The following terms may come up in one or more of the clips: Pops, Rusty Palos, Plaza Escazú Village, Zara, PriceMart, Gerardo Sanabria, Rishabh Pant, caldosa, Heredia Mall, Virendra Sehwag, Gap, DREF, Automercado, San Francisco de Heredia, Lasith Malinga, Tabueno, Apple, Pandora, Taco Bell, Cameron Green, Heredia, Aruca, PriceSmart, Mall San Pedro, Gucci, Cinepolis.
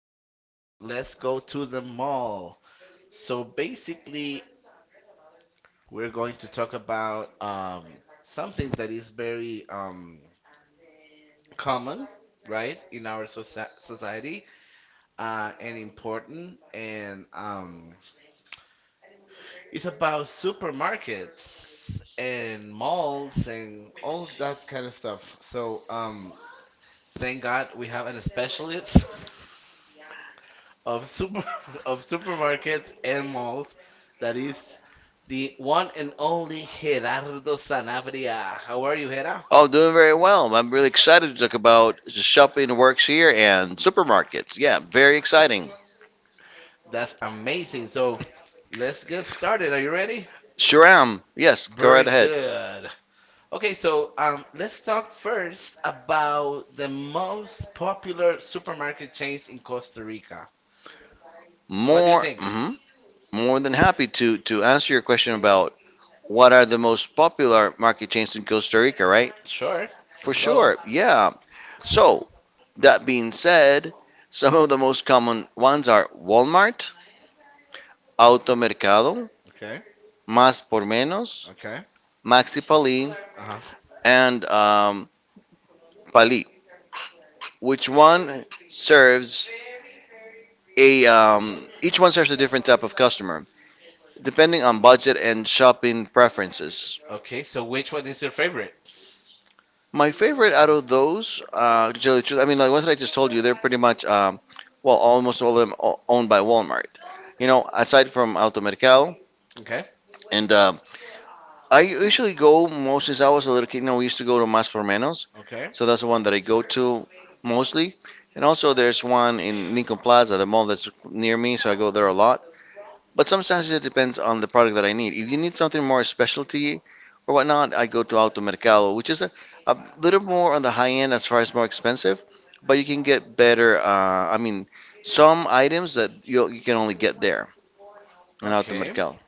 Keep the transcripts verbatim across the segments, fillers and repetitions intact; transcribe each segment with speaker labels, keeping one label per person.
Speaker 1: podcast, Let's Go to the Mall. So, basically, we're going to talk about um, something that is very um, common, right, in our soci society uh, and important. And um, it's about supermarkets and malls and all that kind of stuff. So, um, thank God we have an specialist of super of supermarkets and malls. That is the one and only Gerardo Sanabria. How are you, Hera?
Speaker 2: Oh, doing very well. I'm really excited to talk about shopping works here and supermarkets. Yeah, very exciting.
Speaker 1: That's amazing. So let's get started. Are you ready?
Speaker 2: Sure am. Yes, go
Speaker 1: Very
Speaker 2: right ahead.
Speaker 1: good. Okay, so um, let's talk first about the most popular supermarket chains in Costa Rica. What do you
Speaker 2: More,
Speaker 1: think?
Speaker 2: mhm, more than happy to to answer your question about what are the most popular market chains in Costa Rica, right?
Speaker 1: Sure,
Speaker 2: For
Speaker 1: let's go.
Speaker 2: sure. Yeah. So that being said, some of the most common ones are Walmart, Automercado,
Speaker 1: Okay,
Speaker 2: Más por Menos,
Speaker 1: okay.
Speaker 2: Maxi Pali,
Speaker 1: Uh-huh.
Speaker 2: and um, Pali. Which one serves a um, Each one serves a different type of customer depending on budget and shopping preferences.
Speaker 1: Okay, so which one is your favorite?
Speaker 2: My favorite out of those, uh, to tell you the truth, I mean, like ones that I just told you, they're pretty much, um, well, almost all of them o- owned by Walmart. You know, aside from Alto Mercado,
Speaker 1: Okay,
Speaker 2: and um I usually go most since I was a little kid. You know, we used to go to Mas por Menos,
Speaker 1: okay.
Speaker 2: so that's the one that I go to mostly. And also, there's one in Lincoln Plaza, the mall that's near me, so I go there a lot. But sometimes it depends on the product that I need. If you need something more specialty or whatnot, I go to Alto Mercado, which is a, a little more on the high end as far as more expensive, but you can get better. Uh, I mean, some items that you you can only get there in Alto
Speaker 1: Okay,
Speaker 2: Mercado.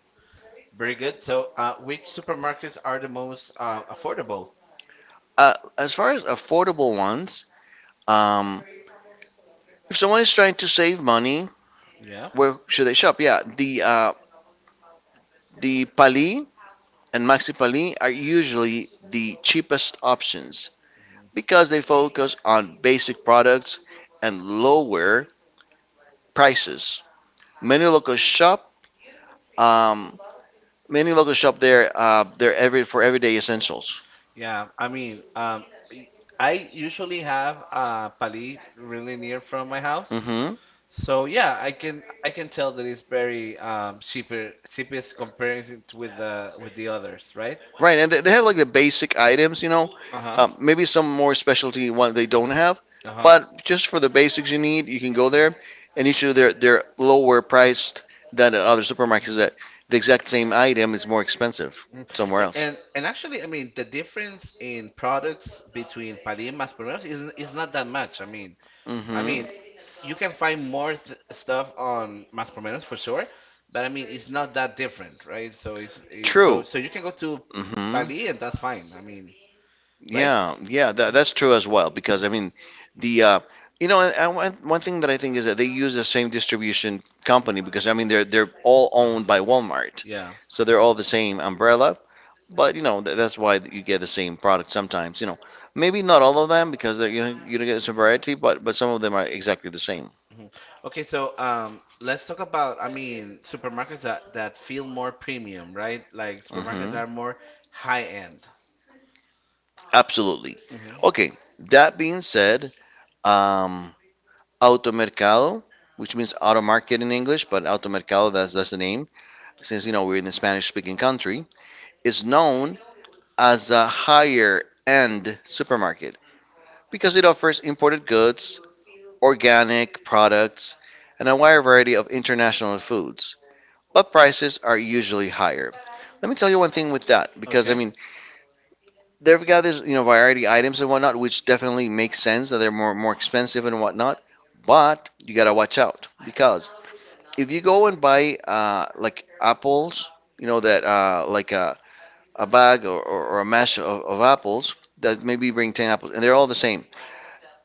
Speaker 1: very good. So, uh, which supermarkets are the most uh, affordable?
Speaker 2: Uh, as far as affordable ones, um, if someone is trying to save money,
Speaker 1: Yeah,
Speaker 2: where should they shop? Yeah, the uh, the Pali and Maxi Pali are usually the cheapest options, because they focus on basic products and lower prices. Many local shop, um, Many local shop there, uh, they're every for everyday essentials.
Speaker 1: yeah. I mean, um, y- I usually have uh, Pali really near from my
Speaker 2: My house.
Speaker 1: house,
Speaker 2: hmm
Speaker 1: so yeah, I can I can tell that it's very um, cheaper, cheapest comparison to with the with the others, right?
Speaker 2: Right, and they, they have like the basic items, you know. Uh-huh.
Speaker 1: Uh-huh.
Speaker 2: Um, maybe some more specialty one they don't have. Uh-huh.
Speaker 1: Uh-huh.
Speaker 2: But just for the basics you need, you can go there, and usually they're they're lower priced than at other supermarkets. That the exact same item is more expensive
Speaker 1: Mm.
Speaker 2: somewhere
Speaker 1: A-
Speaker 2: else.
Speaker 1: And and actually, I mean, the difference
Speaker 2: Difference
Speaker 1: in products
Speaker 2: is pretty
Speaker 1: between Pali and Más is is not that much.
Speaker 2: much.
Speaker 1: I
Speaker 2: I mean,
Speaker 1: mean, I
Speaker 2: I mean, hmm
Speaker 1: mean, you can find more th stuff on Más por Menos for sure, but I mean, it's not that different, right?
Speaker 2: so,
Speaker 1: So it's, it's so
Speaker 2: true.
Speaker 1: so you can go to
Speaker 2: hmm
Speaker 1: Pali and that's fine. I mean, right?
Speaker 2: Yeah, yeah, that, that's true as well, because I mean the uh, you know, and- and one one thing that I think is that they use the same distribution company, because I mean they're they're all owned by Walmart,
Speaker 1: Yeah.
Speaker 2: so they're all the same umbrella. But you know th that's why you get the same product sometimes. You know, maybe not all of them because they're, you know, you don't get some variety, but but some of them are exactly the same.
Speaker 1: Mhm. Okay, so um, let's talk about, I mean, supermarkets that that feel more premium, right? Like supermarkets that are
Speaker 2: hmm
Speaker 1: more high end.
Speaker 2: Absolutely.
Speaker 1: hmm
Speaker 2: Mhm. Okay. That being said, um, Automercado, which means auto market in English, but Automercado, that's, that's the name, since you know we're in the Spanish speaking country, is known as a higher end supermarket because it offers imported goods, organic products, and a wide variety of international foods. But prices are usually higher. Let me tell you one thing with that, because I
Speaker 1: Okay.
Speaker 2: mean, they've got this, you know, variety items and whatnot, which definitely makes sense that they're more more expensive and whatnot. But you gotta watch out because if you go and buy uh, like apples, you know that uh, like a, a bag or, or, or a mash of, of apples that maybe bring ten apples and they're all the same.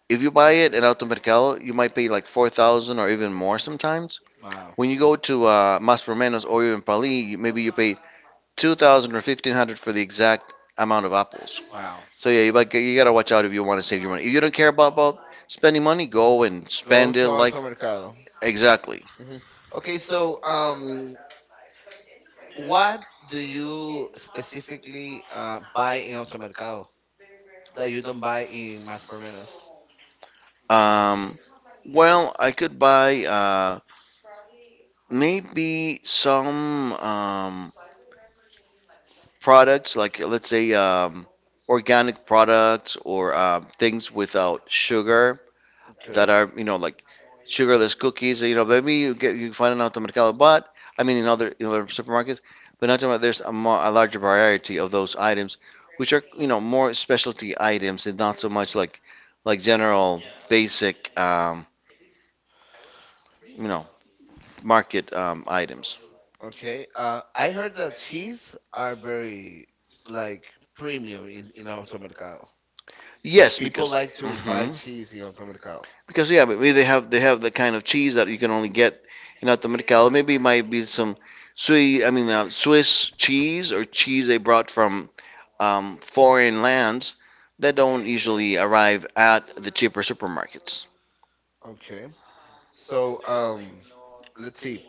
Speaker 2: If you buy it at Automercado, you might pay like four thousand or even more sometimes.
Speaker 1: Wow.
Speaker 2: When you go to uh, Mas por Menos or even Pali, you- maybe you pay two thousand or fifteen hundred for the exact amount of apples.
Speaker 1: Wow.
Speaker 2: So yeah, you, like, you gotta watch out if you want to save your money. If you don't care about, about spending money, go and
Speaker 1: Go
Speaker 2: spend
Speaker 1: to
Speaker 2: it like
Speaker 1: Alto Mercado.
Speaker 2: exactly.
Speaker 1: hmm Okay, so um, what do you specifically uh, buy in Automercado that you don't buy in Mas por Menos?
Speaker 2: Um, Well, I could buy uh, maybe some um, products, like let's say um, organic products or um, things without sugar that
Speaker 1: Okay.
Speaker 2: are, you know, like sugarless cookies. You know, maybe you get you find an Mercado, but I mean in other in other supermarkets, but not about there's a, more, a larger variety of those items, which are, you know, more specialty items and not so much like like general basic, um, you know, market um, items.
Speaker 1: Okay. Uh, I heard that cheese are very like premium in in Automercado. Like
Speaker 2: Yes, because.
Speaker 1: people like to buy
Speaker 2: Mhm.
Speaker 1: cheese in
Speaker 2: Now.
Speaker 1: Automercado.
Speaker 2: Because yeah, but maybe they have they have the kind of cheese that you can only get in Automercado. Maybe it might be some Swiss, I mean uh, Swiss cheese or cheese they brought from um, foreign lands that don't usually arrive at the cheaper supermarkets.
Speaker 1: Okay. So um, let's see.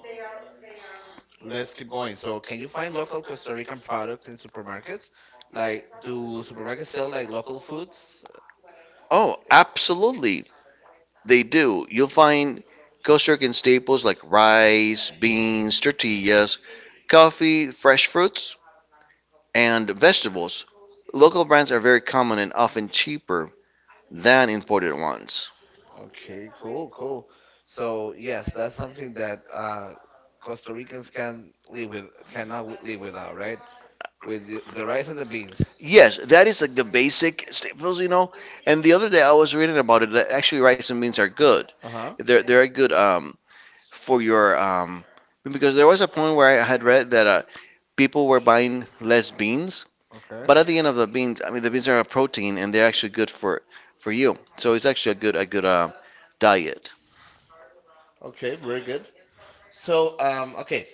Speaker 1: Let's keep going. So can you find local Costa Rican products in supermarkets? Like, do supermarkets sell like local foods?
Speaker 2: Oh, absolutely, they do. You'll find Costa staples like rice, beans, tortillas, coffee, fresh fruits and vegetables. Local brands are very common and often cheaper than imported ones.
Speaker 1: Okay, cool, cool. So yes, that's something that uh, Costa Ricans can live with, cannot wi- live without, right? With the, the rice and the beans.
Speaker 2: Yes, that is like the basic staples, you know. And the other day I was reading about it that actually rice and beans are good.
Speaker 1: Uh-huh.
Speaker 2: They're they're good um for your um because there was a point where I had read that uh, people were buying less beans,
Speaker 1: Okay.
Speaker 2: but at the end of the beans, I mean the beans are a protein and they're actually good for for you. So it's actually a good a good uh, diet.
Speaker 1: Okay, very good. So, um, okay,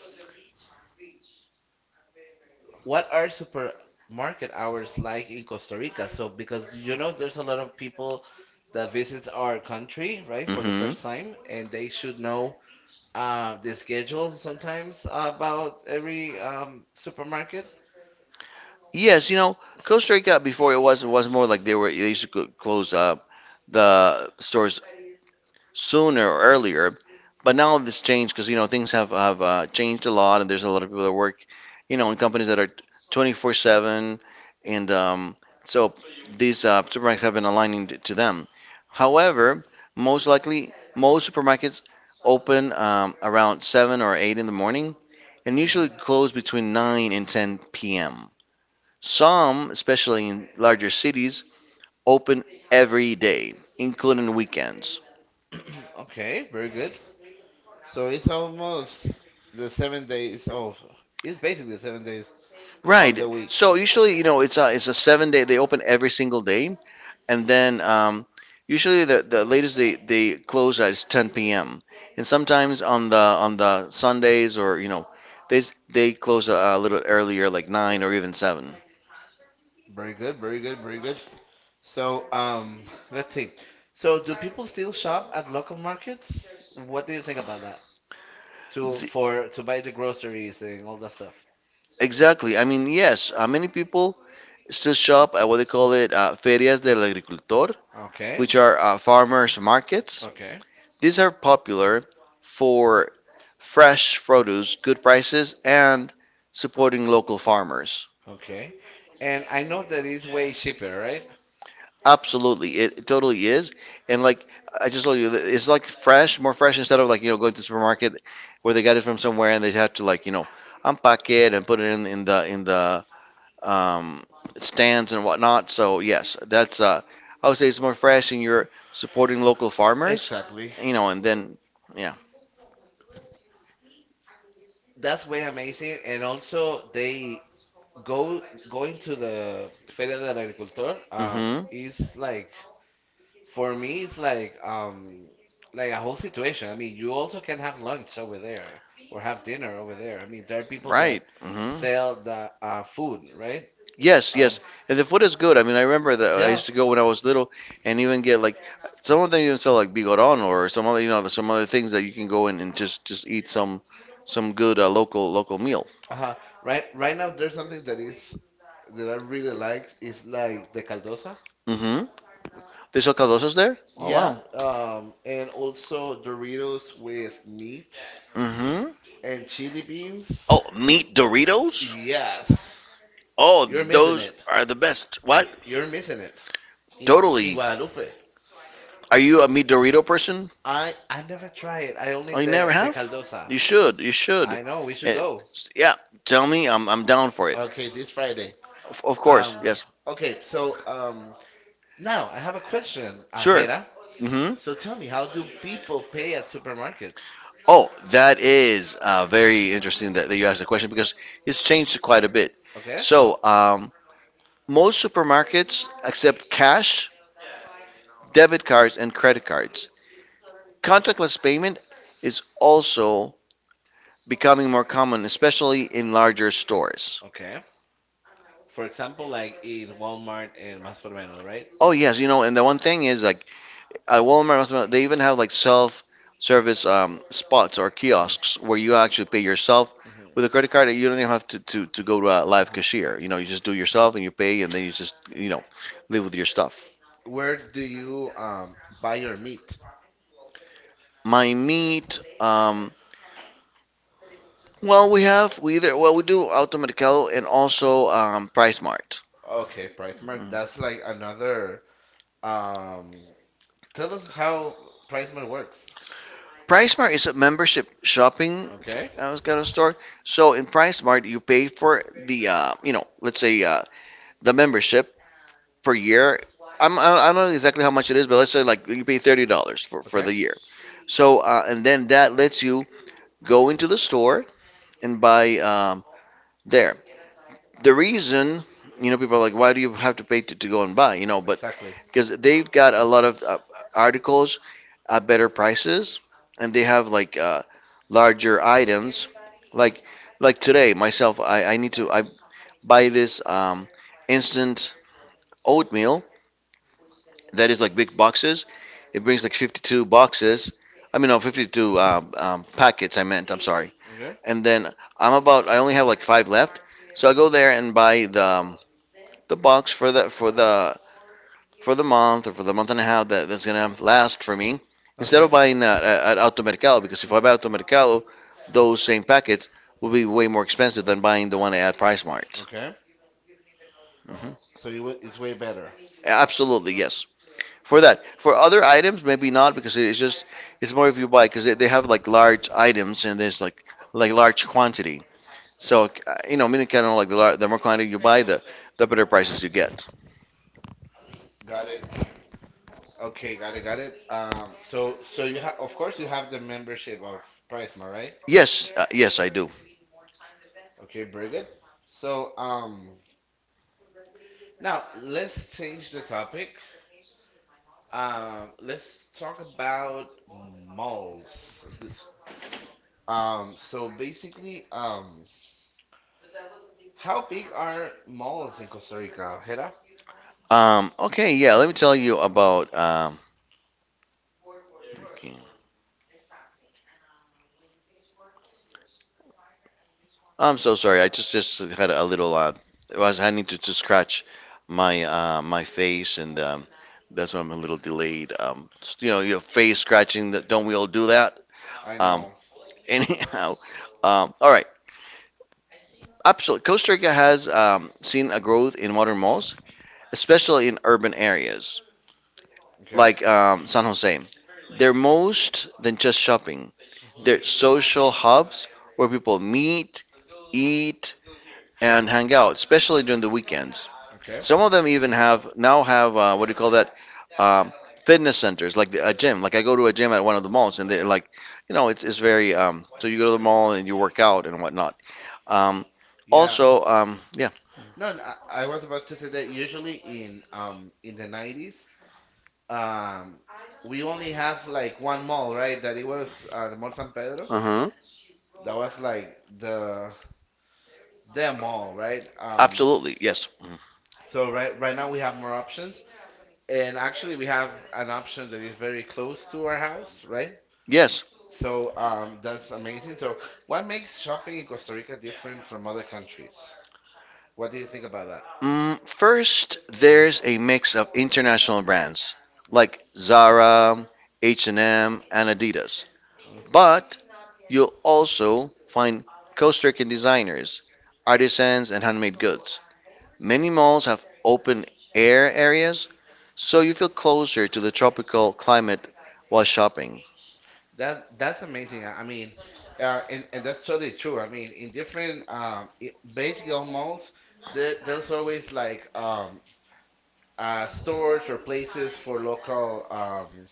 Speaker 1: what are supermarket hours like in Costa Rica? So, because you know, there's a lot of people that visits our country, right, for the
Speaker 2: hmm
Speaker 1: first time, and they should know uh, the schedule sometimes about every um, supermarket.
Speaker 2: Yes, you know, Costa Rica before it was it was more like they were they used to cl- close up the stores sooner or earlier, but now this changed because you know things have have uh, changed a lot and there's a lot of people that work, you know, in companies that are twenty four seven and um, so these uh, supermarkets have been aligning t- to them. However, most likely most supermarkets open um, around seven or eight in the morning and usually close between
Speaker 1: Mhm.
Speaker 2: nine and ten p m. Some, especially in larger cities, open every day, including weekends.
Speaker 1: Okay, very good. So it's almost the seven days of. It's basically seven days of
Speaker 2: Right.
Speaker 1: the week.
Speaker 2: So usually, you know, it's a it's a seven day. They open every single day, and then um, usually the the latest they they close at is ten p m. And sometimes on the on the Sundays, or you know, they s- they close a, a little earlier, like nine or even seven.
Speaker 1: Very good, very good, very good. So um, let's see. So do people still shop at local markets? What do you think about that? To for to buy the groceries and all that stuff.
Speaker 2: Exactly. I mean, yes, uh, many people still shop at what they call it uh, ferias del agricultor,
Speaker 1: Okay.
Speaker 2: which are uh, farmers markets.
Speaker 1: Okay.
Speaker 2: These are popular for fresh produce, good prices, and supporting local farmers.
Speaker 1: Okay. And I know that is way cheaper, right?
Speaker 2: Absolutely, it, it totally is. And like I just told you, it's like fresh, more fresh instead of like you know going to the supermarket where they got it from somewhere and they have to like you know unpack it and put it in, in the in the um, stands and whatnot. So yes, that's uh, I would say it's more fresh, and you're supporting local farmers,
Speaker 1: Exactly.
Speaker 2: you know, and then yeah.
Speaker 1: That's way amazing. And also they go going to the Feria del Agricultor um
Speaker 2: hmm
Speaker 1: is like for me it's like um like a whole situation. I mean, you also can have lunch over there or have dinner over there. I mean, there are people that
Speaker 2: right, hmm
Speaker 1: sell the uh, food, right?
Speaker 2: yes,
Speaker 1: Um,
Speaker 2: yes. And the food is good. I mean, I remember that I
Speaker 1: yeah.
Speaker 2: used to go when I was little, and even get like some of them even sell like bigoron or some other you know some other things that you can go in and just just eat some some good uh, local local meal.
Speaker 1: Uh-huh. Right, right now there's something that is that I really like is like the caldosa.
Speaker 2: hmm They sell caldosas there. Oh
Speaker 1: Yeah,
Speaker 2: wow.
Speaker 1: um, and also Doritos with meat
Speaker 2: hmm
Speaker 1: and chili beans.
Speaker 2: Oh, meat Doritos?
Speaker 1: Yes,
Speaker 2: Oh,
Speaker 1: you're missing
Speaker 2: those
Speaker 1: it.
Speaker 2: are the best. What?
Speaker 1: You're missing it. In, in
Speaker 2: Totally.
Speaker 1: Guadalupe,
Speaker 2: Are you a meat Dorito person?
Speaker 1: I I never try it. I only
Speaker 2: Oh, you never
Speaker 1: the the
Speaker 2: have?
Speaker 1: caldosa.
Speaker 2: You should. You should.
Speaker 1: I know we should
Speaker 2: Eh,
Speaker 1: go.
Speaker 2: yeah, tell me. I'm, I'm down for it.
Speaker 1: Okay, this Friday.
Speaker 2: Of, of course.
Speaker 1: Um,
Speaker 2: Yes.
Speaker 1: okay, so um, now I have a question,
Speaker 2: Sure.
Speaker 1: Ajera.
Speaker 2: hmm
Speaker 1: So tell me, how do people pay at supermarkets?
Speaker 2: Oh, that is uh, very interesting that, that you asked the question because it's changed quite a bit.
Speaker 1: Okay.
Speaker 2: So, um, most supermarkets accept cash, debit cards, and credit cards. Contactless payment is also becoming more common, especially in larger stores.
Speaker 1: Okay. For example, like in Walmart and Más por Menos, right?
Speaker 2: Oh yes, you know, and the one thing is like at Walmart, they even have like self-service um, spots or
Speaker 1: Mhm,
Speaker 2: kiosks where you actually pay yourself with a
Speaker 1: mhm,
Speaker 2: credit card. You don't even have to, to, to go to a live
Speaker 1: mhm.
Speaker 2: cashier. You know, you just do yourself and you pay, and then you just you know live with your stuff.
Speaker 1: Where do you um buy your meat?
Speaker 2: My meat, um, well, we have we either well we do Automercado and also um, Price Mart.
Speaker 1: Okay, PriceMart. That's like another um. Tell us how PriceMart works.
Speaker 2: Price Mart is a membership shopping.
Speaker 1: Okay.
Speaker 2: I was gonna start. So in PriceSmart, you pay for the uh, you know, let's say uh, the membership per year. I'm I don't know exactly how much it is, but let's say like you pay thirty dollars for for
Speaker 1: Okay.
Speaker 2: the year. So uh, and then that lets you go into the store and buy um, there the reason you know people are like, "Why do you have to pay to, to go and buy you know But
Speaker 1: Exactly.
Speaker 2: because they've got a lot of uh, articles at better prices, and they have like uh, larger items, like like today myself, i, I need to I buy this um, instant oatmeal that is like big boxes. It brings like fifty-two boxes, I mean no, fifty-two um, um, packets, I meant, I'm sorry.
Speaker 1: Okay.
Speaker 2: And then I'm about, I only have like five left, so I go there and buy the um, the box for the for the for the month, or for the month and a half that, that's gonna last for me, instead
Speaker 1: Okay.
Speaker 2: of buying at, at Automercado, because if I buy
Speaker 1: Mm.
Speaker 2: Automercado, those same packets will be way more expensive than buying the one at Price Mart.
Speaker 1: Okay.
Speaker 2: Mhm.
Speaker 1: So it wa- it's way better.
Speaker 2: Absolutely, yes. For that, for other items, maybe not, because it's just it's more if you buy, because they, they have like large items, and there's like like large quantity. So uh, you know, meaning kind of like the, lar- the more quantity you buy, the the better prices you get.
Speaker 1: Got it. Okay, got it, got it. Um, so so you have, of course, you have the membership of PriceMart, right?
Speaker 2: Yes, uh, yes, I do.
Speaker 1: Okay, very good. So, um, now let's change the topic. Um, let's talk about malls. Th- Um, so basically, um, how big are malls in Costa Rica, Hera?
Speaker 2: Um, okay, yeah, let me tell you about. Um, I'm so sorry. I just just had a little. Uh, it was I need to, to scratch my uh, my face, and um, that's why I'm a little delayed. Um, s- you know, your face scratching. That Don't we all do that?
Speaker 1: I
Speaker 2: Um,
Speaker 1: know.
Speaker 2: Anyhow, um, all right. Absolutely, Costa Rica has um, seen a growth in modern malls, especially in urban areas
Speaker 1: Okay.
Speaker 2: like um, San Jose. They're most than just shopping. They're
Speaker 1: hmm
Speaker 2: social hubs where people meet, eat, and hang out, especially during the weekends.
Speaker 1: Okay.
Speaker 2: Some of them even have now have, uh, what do you call that? Um, Fitness centers, like the, a gym. Like I go to a gym at one of the malls, and they're like, you know, it's it's very um, so you go to the mall and you work out and whatnot. Um,
Speaker 1: Yeah.
Speaker 2: Also, um, yeah.
Speaker 1: No, n- I, I was about to say that usually in um in the nineties, um, we only have like one mall, right? That it was uh, the Mall San Pedro.
Speaker 2: Uh huh.
Speaker 1: That was like the them all, right? Um,
Speaker 2: Absolutely, yes. Mm.
Speaker 1: so right right now we have more options, and actually we have an option that is very close to our house, right?
Speaker 2: Yes.
Speaker 1: So um, that's amazing. So what makes shopping in Costa Rica different from other countries? What do you think about that?
Speaker 2: Mm, first, there's a mix of international brands like Zara, H and M, and M, and Adidas.
Speaker 1: Mm.
Speaker 2: But you'll also find Costa Rican designers, artisans, and handmade goods. Many malls have open air areas, so you feel closer to the tropical climate while shopping.
Speaker 1: That's that's amazing. I I mean, uh, and and that's totally true. I mean, in different um, i- basic old malls, there, there's always like um, uh, stores or places for local um,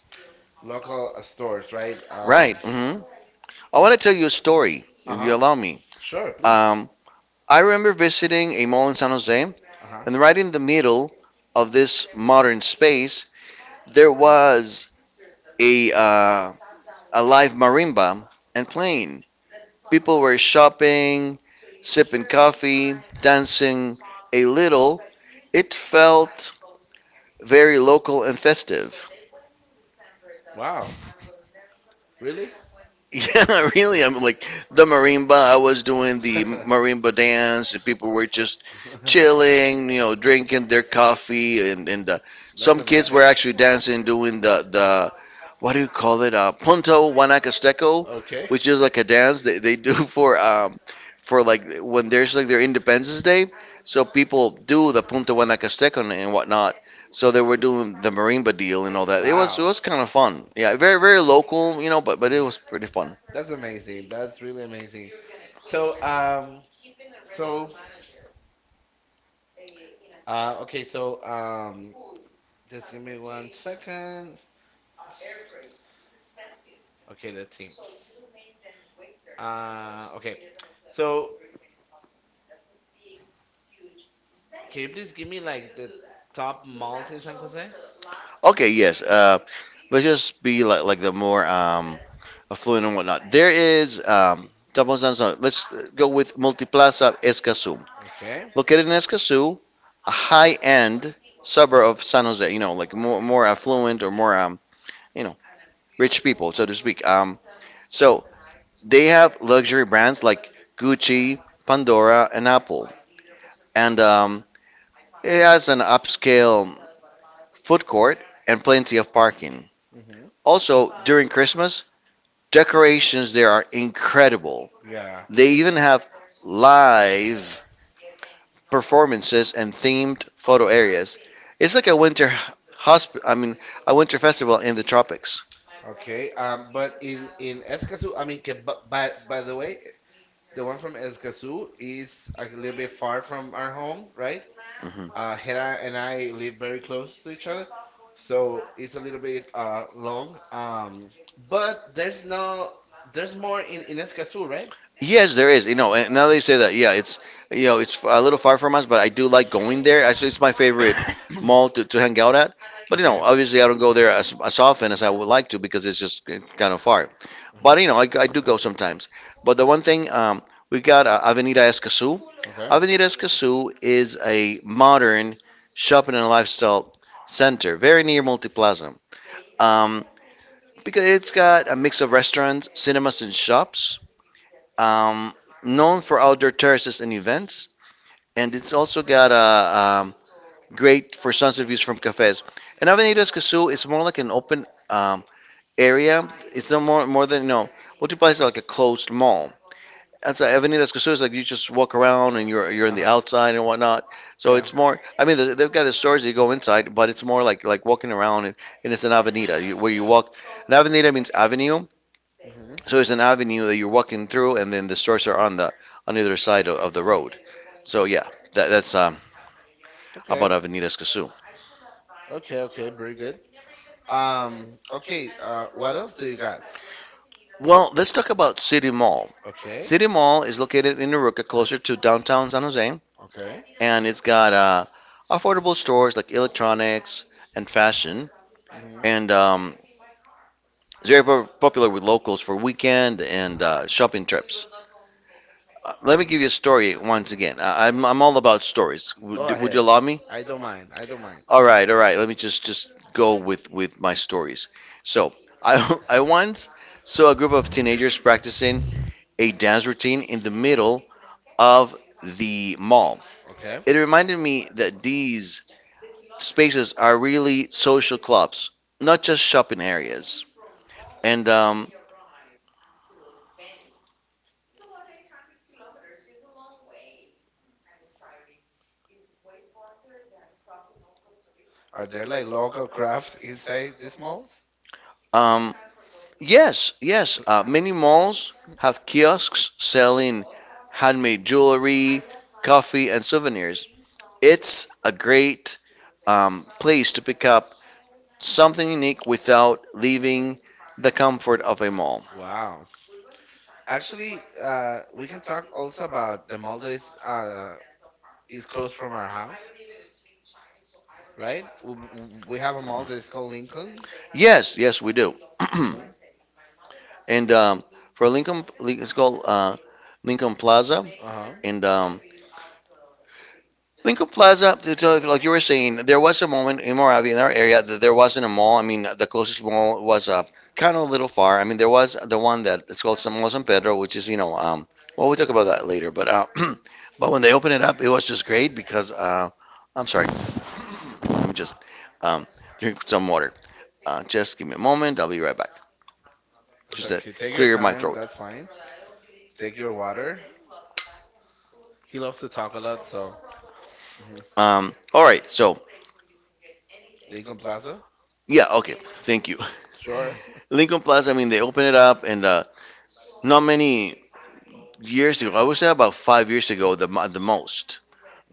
Speaker 1: local uh, stores, right? Um,
Speaker 2: Right. Hmm. I want to tell you a story,
Speaker 1: uh
Speaker 2: if you
Speaker 1: huh.
Speaker 2: allow me.
Speaker 1: Sure, please.
Speaker 2: Um, I remember visiting a mall in San Jose,
Speaker 1: Uh huh.
Speaker 2: and right in the middle of this modern space, there was a uh, a live marimba and playing. People were shopping, sipping coffee, dancing a little. It felt very local and festive.
Speaker 1: Wow. Really?
Speaker 2: Yeah, really. I'm like the marimba. I was doing the marimba dance, and people were just chilling, you know, drinking their coffee, and and uh,
Speaker 1: That's
Speaker 2: some kids were
Speaker 1: amazing.
Speaker 2: actually dancing, doing the the what do you call it? Uh, punto Guanacasteco.
Speaker 1: Okay.
Speaker 2: Which is like a dance they, they do for um for like when there's like their Independence Day, so people do the Punta Guanacasteca and, and whatnot. So they were doing the marimba deal and all that. It was it
Speaker 1: Wow.
Speaker 2: was kind of fun. Yeah, very very local, you know, but but it
Speaker 1: Mhm.
Speaker 2: was pretty fun.
Speaker 1: That's amazing. That's really amazing. So, um, so, uh, okay, so, um, just give me one second. Okay, let's see. Uh, okay. So, can you please give me like the top malls in San Jose?
Speaker 2: Okay, yes. Uh, let's just be like like the more um affluent and whatnot. There is um. Tapos Lanzon. Let's go with Multiplaza Escazú.
Speaker 1: Okay.
Speaker 2: Located in Escazú, a high-end suburb of San Jose. You know, like more more affluent or more um you know rich people, so to speak. Um, so they have luxury brands like Gucci, Pandora, and Apple, and um, it has an upscale food court and plenty of parking.
Speaker 1: Mm-hmm.
Speaker 2: Also, during Christmas, decorations there are incredible.
Speaker 1: Yeah.
Speaker 2: They even have live performances and themed photo areas. It's like a winter hosp- I mean, a winter festival in the tropics.
Speaker 1: Okay. Um, but in in Escazú, I mean, que, bu- by by the way, the one from Escazú is like a little bit far from our home, right?
Speaker 2: Hmm.
Speaker 1: Uh, Hera and I live very close to each other, so it's a little bit uh long. Um, but there's no, there's more in in Escazú, right?
Speaker 2: Yes, there is. You know, and now that you say that, yeah, it's you know, it's a little far from us, but I do like going there. Actually, it's my favorite mall to, to hang out at. But you know,
Speaker 1: Okay.
Speaker 2: obviously, I don't go there as as often as I would like to, because it's just kind of far. But you
Speaker 1: Uh-huh.
Speaker 2: know, I, I do go sometimes. But the one thing, um, we've got uh, Avenida Escazú.
Speaker 1: Okay.
Speaker 2: Avenida Escazú is a modern shopping and lifestyle center, very near Multiplaza. Um, because it's got a mix of restaurants, cinemas, and shops. Um, Known for outdoor terraces and events, and it's also got a um, great for sunset views from cafes. And Avenida Escazú is more like an open um, area. It's no more more than you know. Multiplaza is like a closed mall. Outside Avenidas Cruceros, like you just walk around and you're you're in the outside and whatnot. So
Speaker 1: So
Speaker 2: it's more. I mean, they- they've got the stores that you go inside, but it's more like like walking around, and, and it's an avenida you, where you walk. An avenida means avenue,
Speaker 1: Mhm.
Speaker 2: so it's an avenue that you're walking through, and then the stores are on the on either side of, of the road. So yeah, that, that's um,
Speaker 1: Okay.
Speaker 2: about Avenidas Cruceros.
Speaker 1: Okay, okay, very good. Um, okay, uh, what else do you got?
Speaker 2: Well, let's talk about City Mall.
Speaker 1: Okay,
Speaker 2: City Mall is located in Aruca, closer to downtown San Jose,
Speaker 1: okay.
Speaker 2: and it's got uh, affordable stores like electronics and fashion. And
Speaker 1: hmm
Speaker 2: um, it's very pop- popular with locals for weekend and uh, shopping trips. Uh, let me give you a story once again. I, I'm, I'm all about stories.
Speaker 1: Go
Speaker 2: Would, would you
Speaker 1: ahead.
Speaker 2: allow me?
Speaker 1: I don't mind. I don't mind.
Speaker 2: All right, all right. Let me just just go with with my stories. So I I once saw a group of teenagers practicing a dance routine in the middle of the mall.
Speaker 1: Okay.
Speaker 2: It reminded me that these spaces are really social clubs, not just shopping areas. And um,
Speaker 1: Are there like local crafts inside these malls?
Speaker 2: um, yes, yes. Uh, many malls have kiosks selling handmade jewelry, coffee, and souvenirs. It's a great um, place to pick up something unique without leaving the comfort of a mall.
Speaker 1: Wow. Actually, uh, we can talk also about the mall that is uh, is close from our house, right? W- w- We have a mall that is called Lincoln.
Speaker 2: Yes, yes, we do.
Speaker 1: Mm,
Speaker 2: And um, for Lincoln, Lin- it's called uh, Lincoln Plaza,
Speaker 1: uh-huh.
Speaker 2: and um, Lincoln Plaza, so like you were saying, there was a moment in Moravia, in our area, that there wasn't a mall. I mean, the closest mall was uh, kind of a little far. I mean, there was the one that it's called San Mall San Pedro, which is, you know, um, well, we'll talk about that later. But uh, but when they opened it up, it was just great because uh, I'm sorry, let me just um, drink some water. Uh, just give me a moment. I'll be right back. Just to
Speaker 1: Okay, take your
Speaker 2: clear my
Speaker 1: time.
Speaker 2: throat.
Speaker 1: That's fine. Take your water. He loves to talk a lot, so mhm.
Speaker 2: Um, all right, so
Speaker 1: Lincoln Plaza.
Speaker 2: yeah, okay, thank you.
Speaker 1: Sure.
Speaker 2: Lincoln Plaza. I mean, they opened it up, and uh, not many years ago. I would say about five years ago, the mo- the most,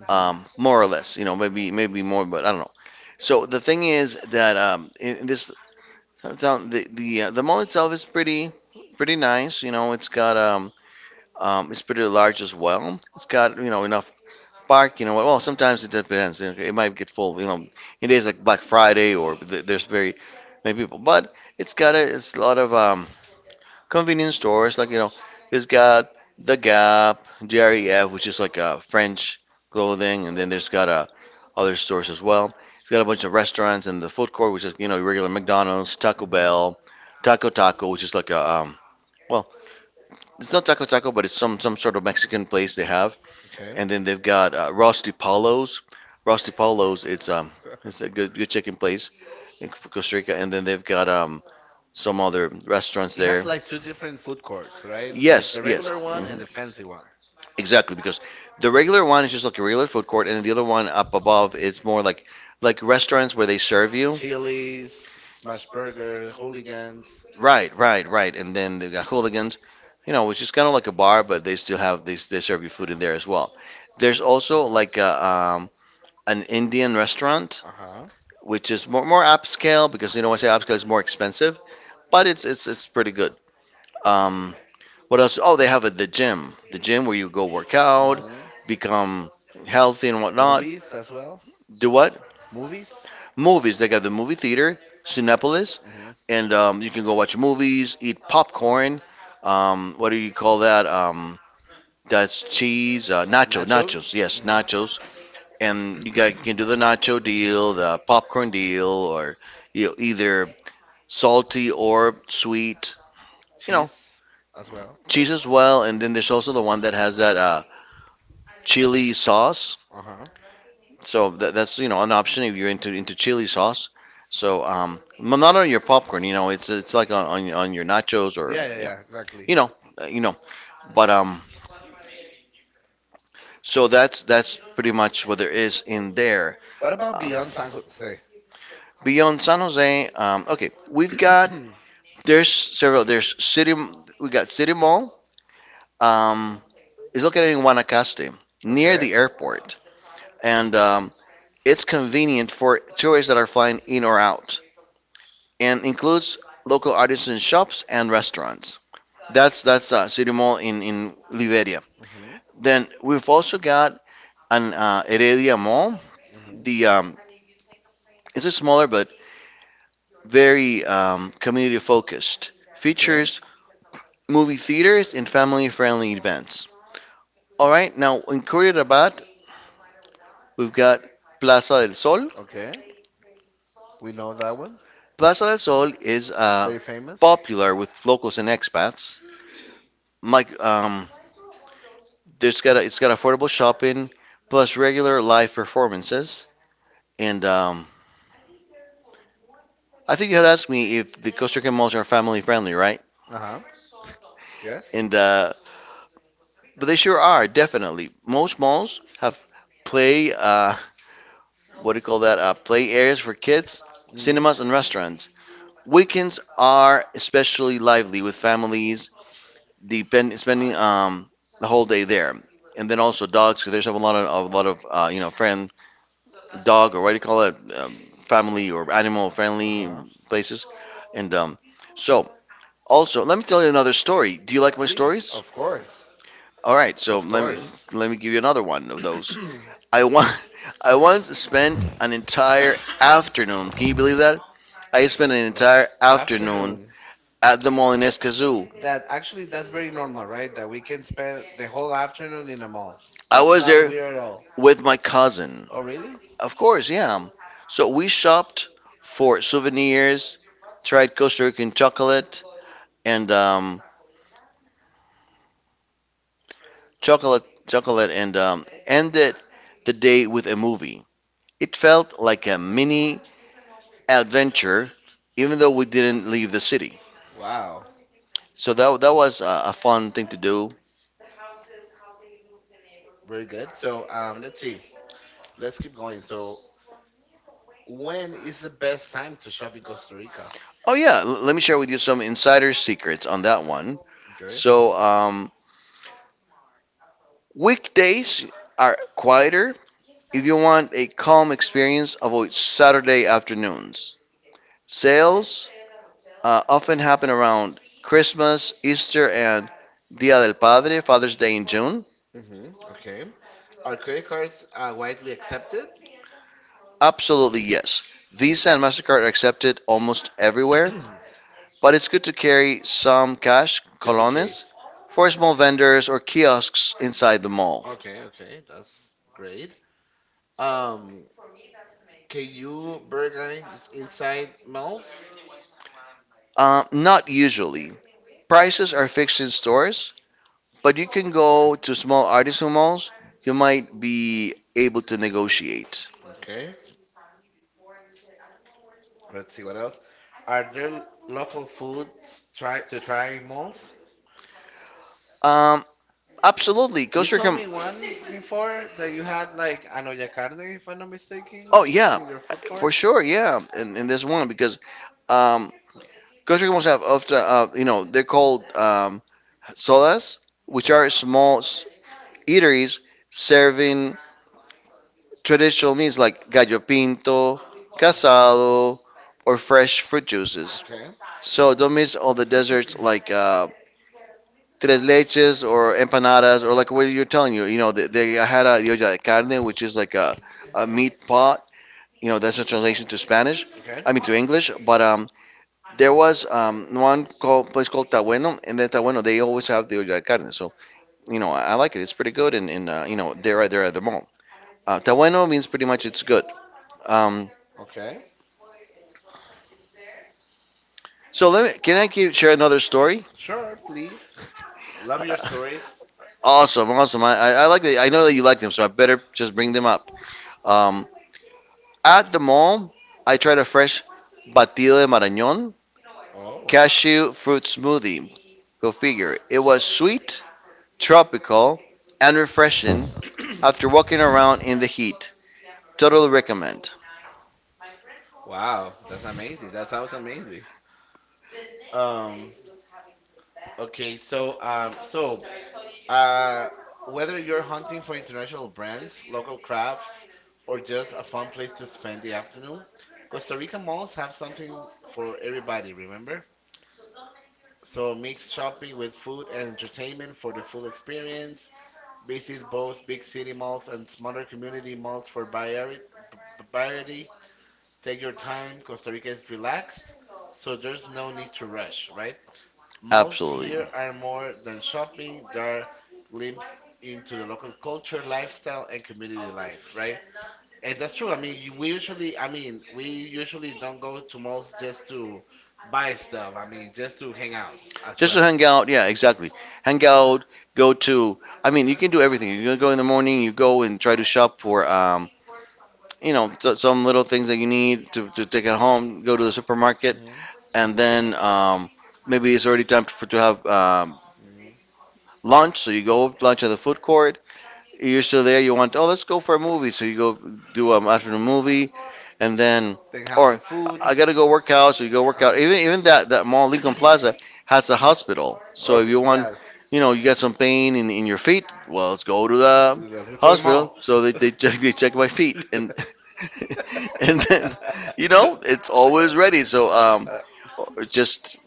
Speaker 1: hmm
Speaker 2: um, more or less. You know, maybe maybe more, but I don't know. So the thing is that um, in in this town, the the uh, the mall itself is pretty pretty nice. You know, it's got um, um, it's pretty large as well. It's got you know enough park. You know, well sometimes it depends. It it might get full. You know, in days like Black Friday or th- there's very many people, but it's got a it's a lot of um, convenience stores like you know it's got the Gap, D R E F, which is like uh, French clothing, and then there's got uh, other stores as well. It's got a bunch of restaurants and the food court, which is you know your regular McDonald's, Taco
Speaker 1: hmm
Speaker 2: Bell, Taco Taco, which is like a um, well, it's not Taco Taco, but it's some some sort of Mexican place they have,
Speaker 1: Okay.
Speaker 2: and then they've got uh, Rusty Palos, Rusty Palos. It's um it's a good good chicken place in Costa Rica, and then they've got um some other restaurants
Speaker 1: It
Speaker 2: there.
Speaker 1: has like two different food courts, right? Like
Speaker 2: Yes,
Speaker 1: the
Speaker 2: yes.
Speaker 1: regular one and
Speaker 2: Hmm.
Speaker 1: the fancy one.
Speaker 2: Exactly, because the regular one is just like a regular food court, and the other one up above is more like like restaurants where they serve you.
Speaker 1: Chili's, Smash Burger, Hooligans.
Speaker 2: Right, right, right. And then they got hooligans, you know, which is kind of like a bar, but they still have they, they serve you food in there as well. There's also like a, um, an Indian restaurant,
Speaker 1: Uh-huh.
Speaker 2: which is more more upscale, because you know when I say upscale it's more expensive, but it's it's it's pretty good. Um, what else? Oh, they have a, the gym, the gym where you go work out,
Speaker 1: hmm
Speaker 2: become healthy and whatnot.
Speaker 1: Movies as well.
Speaker 2: Do what?
Speaker 1: Movies.
Speaker 2: Movies. They got the movie theater, Cinepolis,
Speaker 1: hmm
Speaker 2: and um, you can go watch movies, eat popcorn. Um, what do you call that? Um, that's cheese, uh, nacho,
Speaker 1: Nachos.
Speaker 2: nachos. Yes,
Speaker 1: hmm
Speaker 2: nachos. And you got you can do the nacho deal, the popcorn deal, or you know, either salty or sweet. You know,
Speaker 1: Cheese as well.
Speaker 2: cheese as well. And
Speaker 1: Yeah.
Speaker 2: then there's also the one that has that uh, chili sauce.
Speaker 1: Uh huh.
Speaker 2: So that, that's you know an option if you're into into chili sauce. So um, m- not on your popcorn, you know, it's it's like on on, on your nachos or
Speaker 1: Yeah, yeah, yeah. Exactly.
Speaker 2: you know uh, you know. But um, so that's that's pretty much what there is in there.
Speaker 1: What about
Speaker 2: Um,
Speaker 1: beyond San Jose?
Speaker 2: Beyond San Jose, um, okay, we've got there's several there's city we got City Mall. Um, it's located in Guanacaste near
Speaker 1: Okay.
Speaker 2: the airport, and um, it's convenient for tourists that are flying in or out, and includes local artisan shops and restaurants. That's that's uh, City Mall in in Liberia.
Speaker 1: hmm
Speaker 2: Then we've also got an uh, Heredia Mall. The
Speaker 1: hmm
Speaker 2: um, It's a smaller but very um, community focused.
Speaker 1: Okay.
Speaker 2: Features movie theaters and family friendly events. All right, now in Curitiba we've got Plaza del Sol.
Speaker 1: Okay. We know that one.
Speaker 2: Plaza del Sol is
Speaker 1: It's
Speaker 2: uh,
Speaker 1: very famous.
Speaker 2: popular with locals and expats. Like um, There's got a, it's got affordable shopping plus regular live performances. And um, I think you had asked me if the Costa Rican malls are family friendly, right?
Speaker 1: Uh huh. Yes.
Speaker 2: And uh, But they sure are, definitely. Most malls have play uh, what do you call that? Uh, play areas for kids,
Speaker 1: hmm
Speaker 2: cinemas, and restaurants. Weekends are especially lively with families depend, spending um, the whole day there. And then also dogs, because there's a lot of a lot of uh, you know friends. Dog, or what do you call it, um, family or animal
Speaker 1: Uh
Speaker 2: friendly
Speaker 1: huh.
Speaker 2: places. And um, so, Also, let me tell you another story. Do you like my
Speaker 1: Please,
Speaker 2: stories?
Speaker 1: of course.
Speaker 2: All right, so
Speaker 1: Of
Speaker 2: let me
Speaker 1: course.
Speaker 2: let me give you another one of those. I want I once spent an entire afternoon. Can you believe that? I spent an
Speaker 1: of
Speaker 2: entire afternoon
Speaker 1: afternoon.
Speaker 2: at the mall in Escazú.
Speaker 1: That actually that's very normal, right? That we can spend the whole afternoon in a mall.
Speaker 2: I
Speaker 1: That's
Speaker 2: was
Speaker 1: not
Speaker 2: there
Speaker 1: weird at all.
Speaker 2: with my cousin.
Speaker 1: Oh, really?
Speaker 2: Of course, yeah. So we shopped for souvenirs, tried Costa Rican chocolate, and um, chocolate chocolate and um, ended the day with a movie. It felt like a mini adventure, even though we didn't leave the city.
Speaker 1: Wow.
Speaker 2: So that, that was a, a fun thing to do.
Speaker 1: Very good. So, um, let's see. Let's keep going. So, when is the best time to shop in Costa Rica?
Speaker 2: Oh yeah, l- let me share with you some insider secrets on that one.
Speaker 1: Okay.
Speaker 2: So um, weekdays are quieter. If you want a calm experience, avoid Saturday afternoons. Sales uh, often happen around Christmas, Easter, and Dia del Padre, Father's Day in June.
Speaker 1: Mm-hmm. Okay. Are credit cards uh, widely accepted?
Speaker 2: Absolutely, yes. Visa and MasterCard are accepted almost everywhere, but it's good to carry some cash,
Speaker 1: Just in
Speaker 2: colones,
Speaker 1: case.
Speaker 2: for small vendors or kiosks inside the mall.
Speaker 1: Okay, okay, that's great. Um, can you burger is inside melts?
Speaker 2: Uh, not usually. Prices are fixed in stores, but you can go to small artisan malls. You might be able to negotiate.
Speaker 1: Okay, let's see what else. Are there local foods try to try in malls?
Speaker 2: Um, Absolutely,
Speaker 1: You
Speaker 2: Costa
Speaker 1: told
Speaker 2: Rica.
Speaker 1: me one before that you had like anoya carne, if I'm not mistaken,
Speaker 2: Oh
Speaker 1: uh,
Speaker 2: yeah,
Speaker 1: in your food
Speaker 2: for
Speaker 1: court.
Speaker 2: sure, yeah. In, in this one because um, Costa Rica must have often, uh, you know, they're called um, sodas, which
Speaker 1: Okay,
Speaker 2: are small s- eateries serving traditional meals like gallo pinto, casado, or fresh fruit juices.
Speaker 1: okay, mhm, okay.
Speaker 2: So don't miss all the desserts like uh, tres leches or empanadas, or like what you're telling you. You know, they, they had a olla de carne, which is like a, a meat pot. You know, that's a translation to Spanish. I mean to English, but um, there was um, one called, place called Tabueno, and then Tabueno, they always have the olla de carne. So, you know, I, I like it. It's pretty good, and, and uh, you know, they're
Speaker 1: Mhm.
Speaker 2: right there at the mall. Uh, Tabueno means pretty much it's good. Um,
Speaker 1: Okay.
Speaker 2: so let me, can I give, share another story?
Speaker 1: Sure, please. I love your stories.
Speaker 2: Awesome, awesome. I, I, I like that. I know that you like them, so I better just bring
Speaker 1: Mm.
Speaker 2: them up. Um, at the mall, I tried a fresh batido de marañón,
Speaker 1: Oh.
Speaker 2: cashew fruit smoothie. Go figure. It was sweet, tropical, and refreshing after walking around in the heat. Totally recommend.
Speaker 1: Wow, that's amazing. That sounds amazing. Um, okay, so um, so uh, whether you're hunting for international brands, local crafts, or just a fun place to spend the afternoon, Costa Rica malls have something for everybody, remember? So mix shopping with food and entertainment for the full experience. Visit both big city malls and smaller community malls for variety. variety. Take your time. Costa Rica is relaxed, so there's no need to rush, right? Malls
Speaker 2: Absolutely.
Speaker 1: here are more than shopping, they are glimpses into the local culture, lifestyle, and community life, right? And that's true. I mean, you- we usually, I mean, we usually don't go to malls just to buy stuff. I mean, just to hang out as
Speaker 2: Just to
Speaker 1: well.
Speaker 2: hang out, yeah, exactly. Hang out, go to. I mean, you can do everything. You can go in the morning. You go and try to shop for, um, you know, so- some little things that you need to, to take at home. Go to the supermarket,
Speaker 1: Mm-hmm.
Speaker 2: and then um, maybe it's already time for to have um,
Speaker 1: hmm
Speaker 2: lunch. So you go lunch at the food court. You're still there. You want, oh, let's go for a movie. So you go do an afternoon movie, and then,
Speaker 1: Then have some
Speaker 2: or
Speaker 1: food.
Speaker 2: I gotta go work out. So you go work
Speaker 1: Oh,
Speaker 2: out. Even even that that mall, Lincoln Plaza, has a hospital.
Speaker 1: oh
Speaker 2: So if
Speaker 1: re-
Speaker 2: you want,
Speaker 1: yeah.
Speaker 2: you know, you got some pain in, in your feet, well, let's go to the
Speaker 1: Let's go to the mall.
Speaker 2: hospital. So they, they check they check my feet, and and then, you know, it's always ready. So um,
Speaker 1: uh, Uh,
Speaker 2: or just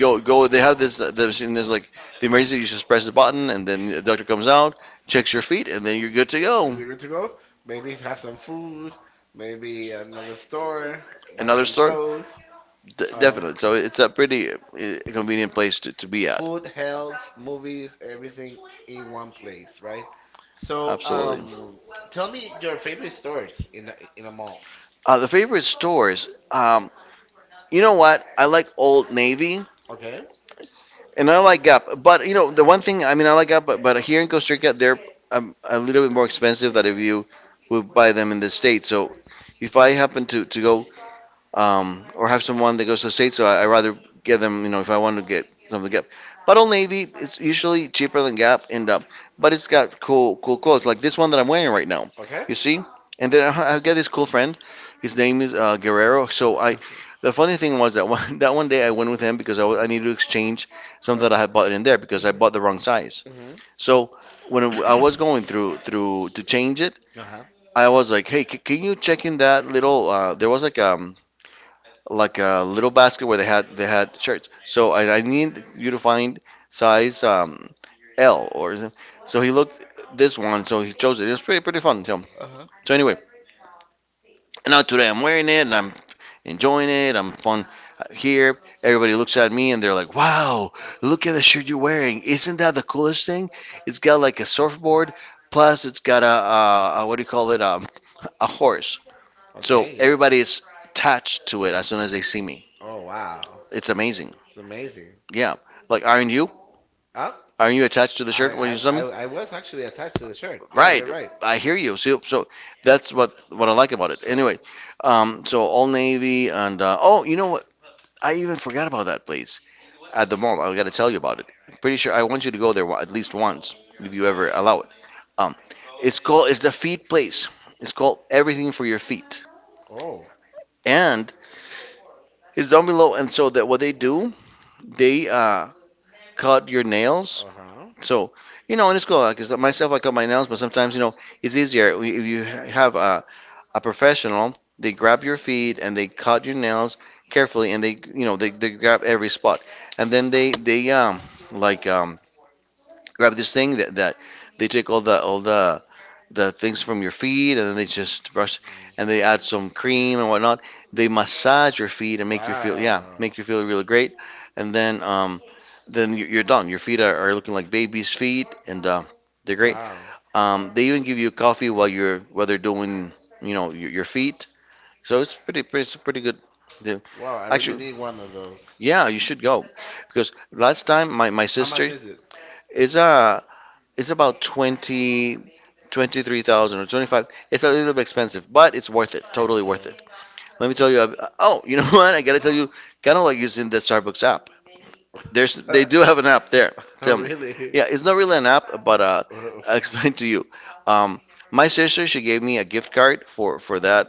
Speaker 2: go go. They have this the machine. There's like the emergency. You just press the button, and then the doctor comes out, checks your feet, and then you're good to
Speaker 1: Uh,
Speaker 2: go.
Speaker 1: you are good to go? Maybe have some food, maybe another store, buy
Speaker 2: Another
Speaker 1: some
Speaker 2: store,
Speaker 1: clothes.
Speaker 2: D-
Speaker 1: Um,
Speaker 2: definitely. So it's a pretty uh, convenient place to, to be at.
Speaker 1: food, health, movies, everything in one place, right? So,
Speaker 2: Absolutely.
Speaker 1: um, tell me your favorite stores in a, in a mall.
Speaker 2: Uh, the favorite stores. Um, you know what? I like Old Navy,
Speaker 1: Okay,
Speaker 2: and I like Gap. But you know the one thing. I mean, I like Gap, but, but here in Costa Rica, they're um, a little bit more expensive than if you would buy them in the States. So if I happen to to go um, or have someone that goes to the state. So I, I rather give them, you know, if I want to get something to Gap. But Old Navy, it's usually cheaper than Gap, and um, but it's got cool, cool clothes like this one that I'm wearing right now.
Speaker 1: okay.
Speaker 2: You see, and then I, I got this cool friend. His name is uh, Guerrero. So I, the funny thing was that one that one day I went with him because I, wa- I needed to exchange something that I had
Speaker 1: Uh-huh.
Speaker 2: bought in there because I bought the wrong size.
Speaker 1: Mhm. Mhm.
Speaker 2: So when I was going through through to change it,
Speaker 1: Uh-huh.
Speaker 2: I was like, hey, c- can you check in that little? Uh, there was like um like a little basket where they had they had shirts. So I I need you to find size um, L, or is it? So he looked this one, so he chose it. It was pretty pretty fun. So
Speaker 1: Uh-huh.
Speaker 2: so anyway, and now today I'm wearing it and I'm enjoying it. I'm fun Uh, here, everybody looks at me and they're like, "Wow, look at the shirt you're wearing! Isn't that the coolest thing? It's got like a surfboard, plus it's got a, a, a what do you call it? Um, a horse." So
Speaker 1: Okay. Yes.
Speaker 2: everybody is attached to it as soon as they see me.
Speaker 1: Oh wow,
Speaker 2: It's amazing.
Speaker 1: it's amazing.
Speaker 2: Yeah. Like, aren't you?
Speaker 1: Huh?
Speaker 2: Aren't you attached to the
Speaker 1: I
Speaker 2: shirt
Speaker 1: I
Speaker 2: when you send
Speaker 1: I
Speaker 2: me?
Speaker 1: I was actually attached to the shirt. Yeah,
Speaker 2: Right.
Speaker 1: you're right.
Speaker 2: I hear you. See, so that's what what I like about it. Anyway, um, so Old Navy and uh, oh, you know what? I even forgot about that place at the mall. I got to tell you about it. I'm pretty sure I want you to go there wa- at least once if you ever allow it. Um, it's called, it's the feet place. It's called Everything for Your Feet,
Speaker 1: Oh.
Speaker 2: and it's down below. And so that what they do, they uh, cut your nails.
Speaker 1: Uh huh.
Speaker 2: So, you know, and it's cool because myself, I cut my nails, but sometimes, you know, it's easier if you have a, a professional. They grab your feet
Speaker 1: Mm.
Speaker 2: and they cut your nails carefully, and they, you know, they, they grab every spot, and then they they um like um grab this thing that, that they take all the all the the things from your feet, and then they just brush, and they
Speaker 1: Mm.
Speaker 2: add some cream and whatnot. They massage your feet and make you feel, yeah,
Speaker 1: Wow.
Speaker 2: make you feel really great. And then, um, then you- you're done. Your feet are, are looking like baby's feet, and uh, they're great.
Speaker 1: Wow.
Speaker 2: Um, they even give you coffee while you're while they're doing, you know, your, your feet. So it's pretty, pretty, it's a pretty good deal.
Speaker 1: Wow, I really
Speaker 2: Actually,
Speaker 1: need one of those.
Speaker 2: yeah, you should go because last time my, my
Speaker 1: How
Speaker 2: sister
Speaker 1: much is it?
Speaker 2: is a it's about twenty, twenty-three thousand or twenty-five. It's a little bit expensive, but it's worth it. Totally worth
Speaker 1: Okay.
Speaker 2: it. Let me tell you. uh, Oh, you know what? I gotta tell you, kind of like using the Starbucks app. There's they do have an app there. Tell me.
Speaker 1: Really?
Speaker 2: Yeah, it's not really an app, but uh,
Speaker 1: Uh,
Speaker 2: I'll explain to you. Um, my sister she gave me a gift card for for that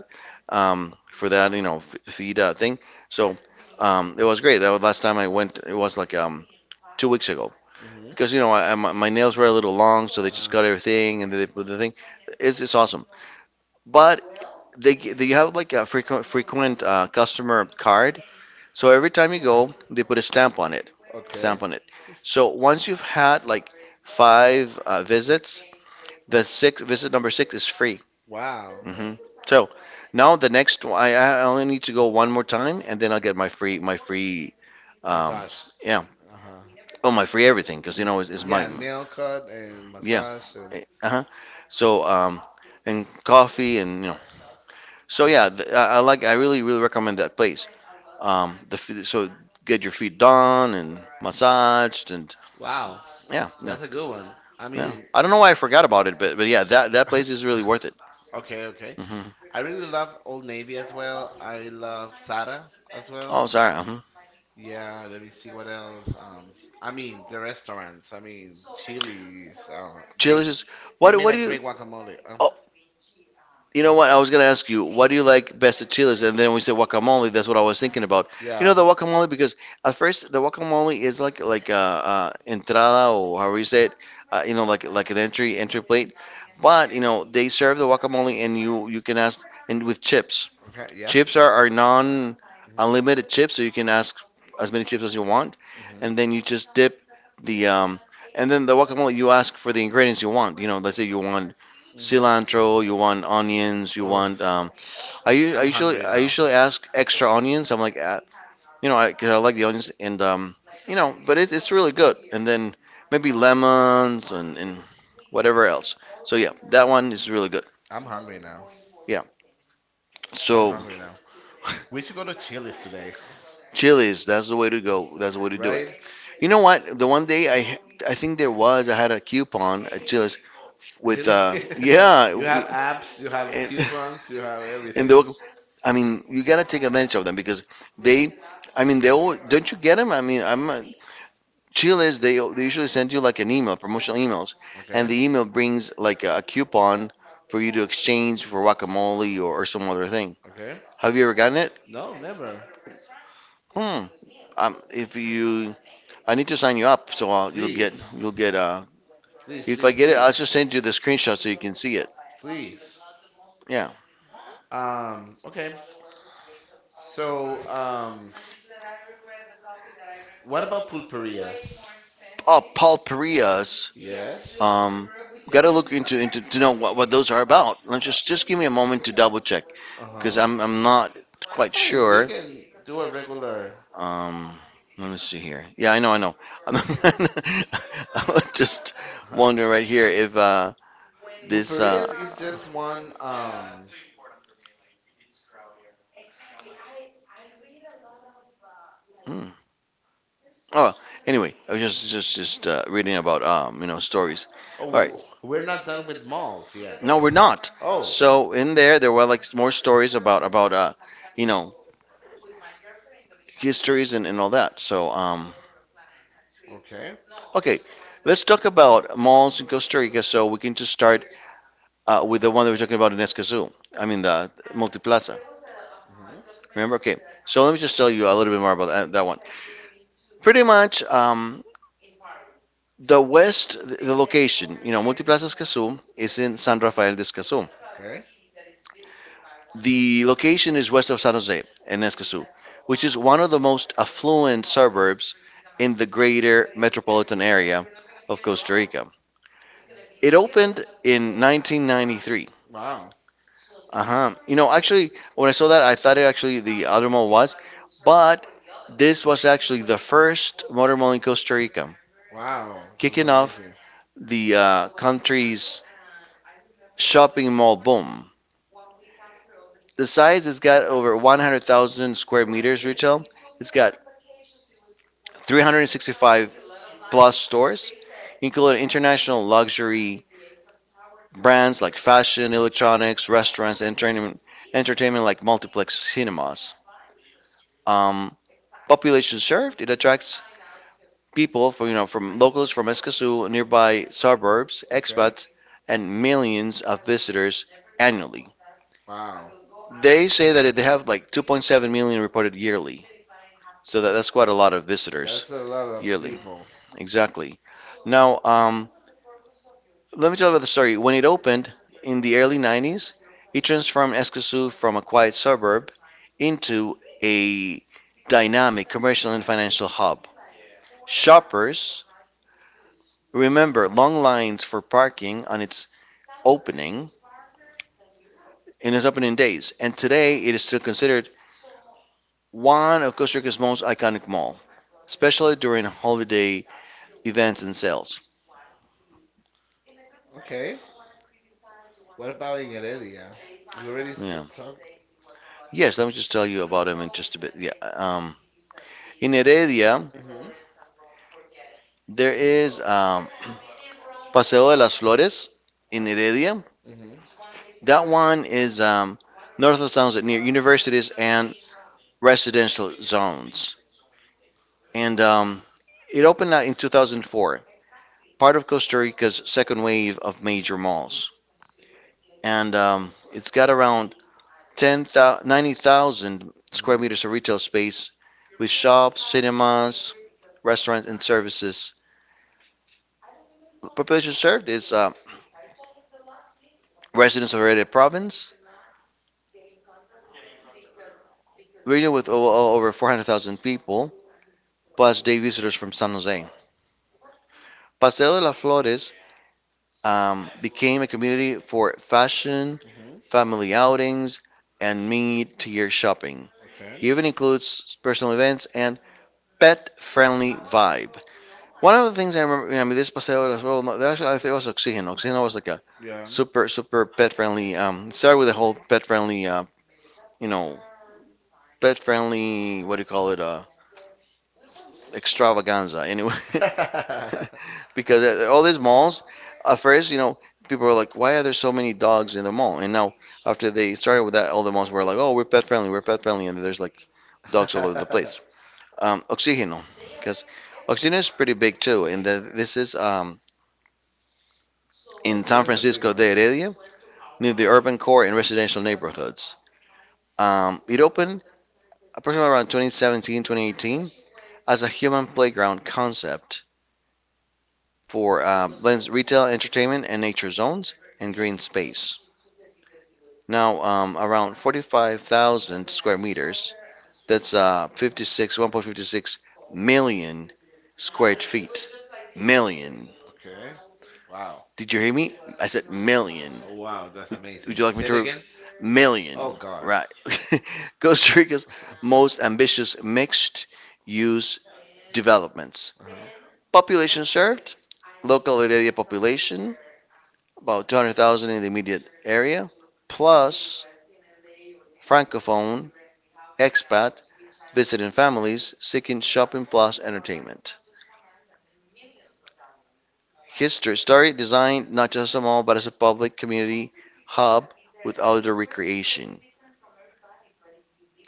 Speaker 2: um for that you know f- feed uh, thing. So um, it was great. That was last time I went. It was like um two weeks ago
Speaker 1: mhm.
Speaker 2: because you know I, I- my, my nails were a little long, so they just
Speaker 1: Uh,
Speaker 2: cut everything and they put the thing. It's, it's awesome. But they g- they have like a frequent frequent uh, customer card, so every time you go, they put a stamp on it,
Speaker 1: okay.
Speaker 2: stamp on it. So once you've had like five uh, visits, the six visit number six is free.
Speaker 1: Wow.
Speaker 2: hmm So now the next one, I, I only need to go one more time, and then I'll get my free my free um
Speaker 1: Massage.
Speaker 2: yeah
Speaker 1: Uh huh.
Speaker 2: oh my free everything because you know it's, it's
Speaker 1: Yeah,
Speaker 2: mine.
Speaker 1: nail cut and
Speaker 2: Yeah.
Speaker 1: massage and.
Speaker 2: Eh, Uh-huh. So, um, and coffee and you know. So yeah, th I, I like I really really recommend that place. Um, the f- so get your feet done and massaged and
Speaker 1: Wow,
Speaker 2: yeah, yeah,
Speaker 1: that's a good one. I
Speaker 2: yeah.
Speaker 1: mean,
Speaker 2: I don't know why I forgot about it, but but yeah, that that place is really worth it.
Speaker 1: okay, okay.
Speaker 2: hmm
Speaker 1: I really love Old Navy as well. I love Sara as well.
Speaker 2: Oh, sorry. Uh-huh.
Speaker 1: Yeah, let me see what else. Um, I mean the restaurants. I mean Chili's. Uh, they
Speaker 2: Chili's is
Speaker 1: they
Speaker 2: what
Speaker 1: made
Speaker 2: what
Speaker 1: a
Speaker 2: do you?
Speaker 1: great guacamole. Uh,
Speaker 2: Oh, you know what? I was gonna ask you, what do you like best at Chili's? And then we said guacamole. That's what I was thinking about. You know
Speaker 1: yeah.
Speaker 2: the guacamole because at first the guacamole is like like uh, uh, entrada or however you say it. Uh, you know like like an entry entry plate, but you know they serve the guacamole and you you can ask and with chips.
Speaker 1: Okay. Yeah.
Speaker 2: Chips are, are non Unlimited chips,
Speaker 1: Mm-hmm.
Speaker 2: so you can ask as many chips as you want, and then you just dip the um, and then the guacamole you ask for the ingredients you want. You know, let's say you want
Speaker 1: Mm-hmm.
Speaker 2: cilantro, you want onions, you
Speaker 1: Oh,
Speaker 2: want um, I, u- I
Speaker 1: I'm
Speaker 2: usually
Speaker 1: hungry
Speaker 2: I
Speaker 1: now.
Speaker 2: usually ask extra onions. I'm like, uh, you know, I, 'cause I like the onions and um, you know, but it's it's really good. And then maybe lemons and and whatever else. So yeah, that one is really good.
Speaker 1: I'm hungry now.
Speaker 2: Yeah.
Speaker 1: I'm
Speaker 2: So
Speaker 1: hungry now. We should go to Chili's today,
Speaker 2: chilies, that's the way to go. That's the way to do it.
Speaker 1: right?
Speaker 2: You know what? The one day I I think there was I had a coupon uh, just with
Speaker 1: Really?
Speaker 2: uh yeah
Speaker 1: You have apps. You have
Speaker 2: and,
Speaker 1: coupons. You have
Speaker 2: and
Speaker 1: everything.
Speaker 2: the I mean you gotta take advantage of them because they I mean they all don't you get them? I mean I'm uh, Chiles they they usually send you like an email promotional emails
Speaker 1: Okay.
Speaker 2: and the email brings like a, a coupon for you to exchange for guacamole or, or some other thing.
Speaker 1: Okay.
Speaker 2: Have you ever gotten it?
Speaker 1: No, never.
Speaker 2: Hmm. Um, if you I need to sign you up so I'll, You'll get
Speaker 1: Please.
Speaker 2: you'll get uh
Speaker 1: Please,
Speaker 2: if I
Speaker 1: please,
Speaker 2: get it, I'll just
Speaker 1: please.
Speaker 2: send you the screenshot so you can see it.
Speaker 1: Please.
Speaker 2: Yeah.
Speaker 1: Um, okay. So, um, what about pulperias?
Speaker 2: Oh, pulperias.
Speaker 1: Yes.
Speaker 2: Um, Gotta look into, into to know what, what those are about. Let's
Speaker 1: Uh,
Speaker 2: just just give me a moment to double check because
Speaker 1: uh-huh.
Speaker 2: I'm I'm not quite
Speaker 1: I mean, we
Speaker 2: sure.
Speaker 1: can do a regular
Speaker 2: Um, Let me see here. Yeah, I know, I know. I'm,
Speaker 1: uh,
Speaker 2: just wondering right here if uh this uh.
Speaker 1: pulperias is just one um
Speaker 2: Hmm. Oh, anyway, I was just just just uh, reading about um you know stories. All right.
Speaker 1: Oh, we, we're not done with malls yet.
Speaker 2: No, we're not.
Speaker 1: Oh.
Speaker 2: So in there, there were like more stories about about uh, you know, histories and, and all that. So um,
Speaker 1: Okay.
Speaker 2: okay, let's talk about malls in Costa Rica. So we can just start uh, with the one that we're talking about in Escazú. I mean the Multiplaza.
Speaker 1: Hmm.
Speaker 2: Remember? Okay. So let me just tell you a little bit more about that, that one. Pretty much, um, the west, the location, you know, Multiplaza Escazú is in San Rafael de Escazú.
Speaker 1: Okay.
Speaker 2: The location is west of San Jose in Escazú, which is one of the most affluent suburbs in the greater metropolitan area of Costa Rica. It opened in nineteen ninety-three.
Speaker 1: Wow.
Speaker 2: Uh huh. You know, actually, when I saw that, I thought it actually the other mall was, but this was actually the first modern mall in Costa Rica,
Speaker 1: Wow.
Speaker 2: kicking off the uh, country's shopping mall boom. The size has got over one hundred thousand square meters retail. It's got three hundred sixty-five plus stores, including international luxury brands like fashion, electronics, restaurants, and entertainment, entertainment like multiplex cinemas. Um, population served, it attracts people from, you know, from locals from Eskasu, nearby suburbs,
Speaker 1: Expats.
Speaker 2: expats, and millions of visitors annually.
Speaker 1: Wow.
Speaker 2: They say that they have like two point seven million reported yearly, so that, that's quite a lot of visitors
Speaker 1: A lot
Speaker 2: yearly.
Speaker 1: people.
Speaker 2: Exactly. Now, um, Let me tell you about the story. When it opened in the early nineties, it transformed Escazú from a quiet suburb into a dynamic commercial and financial hub. Shoppers remember long lines for parking on its opening in its opening days, and today it is still considered one of Costa Rica's most iconic malls, especially during holiday events and sales.
Speaker 1: Okay. What about in Heredia? We already st
Speaker 2: Yeah.
Speaker 1: talk.
Speaker 2: Yes, let me just tell you about them in just a bit. Yeah. Um, in Heredia,
Speaker 1: Mm-hmm.
Speaker 2: there is um, Paseo de las Flores in Heredia.
Speaker 1: Mm-hmm.
Speaker 2: That one is um, north of towns near universities and residential zones. And um, It opened uh, in two thousand four, part of Costa Rica's second wave of major malls. And um, It's got around ten, ninety thousand square meters of retail space with shops, cinemas, restaurants, and services. The population served is uh, residents of Heredia province, region with over four hundred thousand people, plus day visitors from San Jose. Paseo de las Flores um, became a community for fashion,
Speaker 1: Mm-hmm. Hmm.
Speaker 2: family outings, and mid-tier shopping.
Speaker 1: Okay.
Speaker 2: It even includes personal events and pet-friendly vibe. One of the things I remember, I mean, this Paseo de las Flores, no, actually, I think it was Oxygen. Oxygen was like a
Speaker 1: Yeah.
Speaker 2: super, super pet-friendly. Um, started with the whole pet-friendly, uh, you know, pet-friendly. What do you call it? Uh, extravaganza. Anyway. Because at all these malls, at first, you know, people were like, why are there so many dogs in the mall? And now, after they started with that, all the malls were like, oh, we're pet friendly, we're pet friendly, and there's like dogs all over the place. Um, Oxígeno, because Oxígeno is pretty big too, and the, this is um, in San Francisco de Heredia, near the urban core and residential neighborhoods. Um, it opened approximately around twenty seventeen, twenty eighteen as a human playground concept for um, Lynn's retail, entertainment, and nature zones and green space. Now, um, around forty-five thousand square meters, that's uh, fifty-six, one point five six million square feet. Million.
Speaker 1: Okay. Wow.
Speaker 2: Did you hear me? I said million.
Speaker 1: Oh, wow, that's
Speaker 2: Would
Speaker 1: amazing.
Speaker 2: you like me
Speaker 1: Say it
Speaker 2: to? Re-
Speaker 1: again.
Speaker 2: million.
Speaker 1: Oh God.
Speaker 2: Right. Costa Rica's most ambitious mixed use developments.
Speaker 1: Uh-huh.
Speaker 2: Population served, local area population, about two hundred thousand in the immediate area, plus francophone, expat, visiting families seeking shopping plus entertainment. History story designed not just a mall but as a public community hub with outdoor recreation,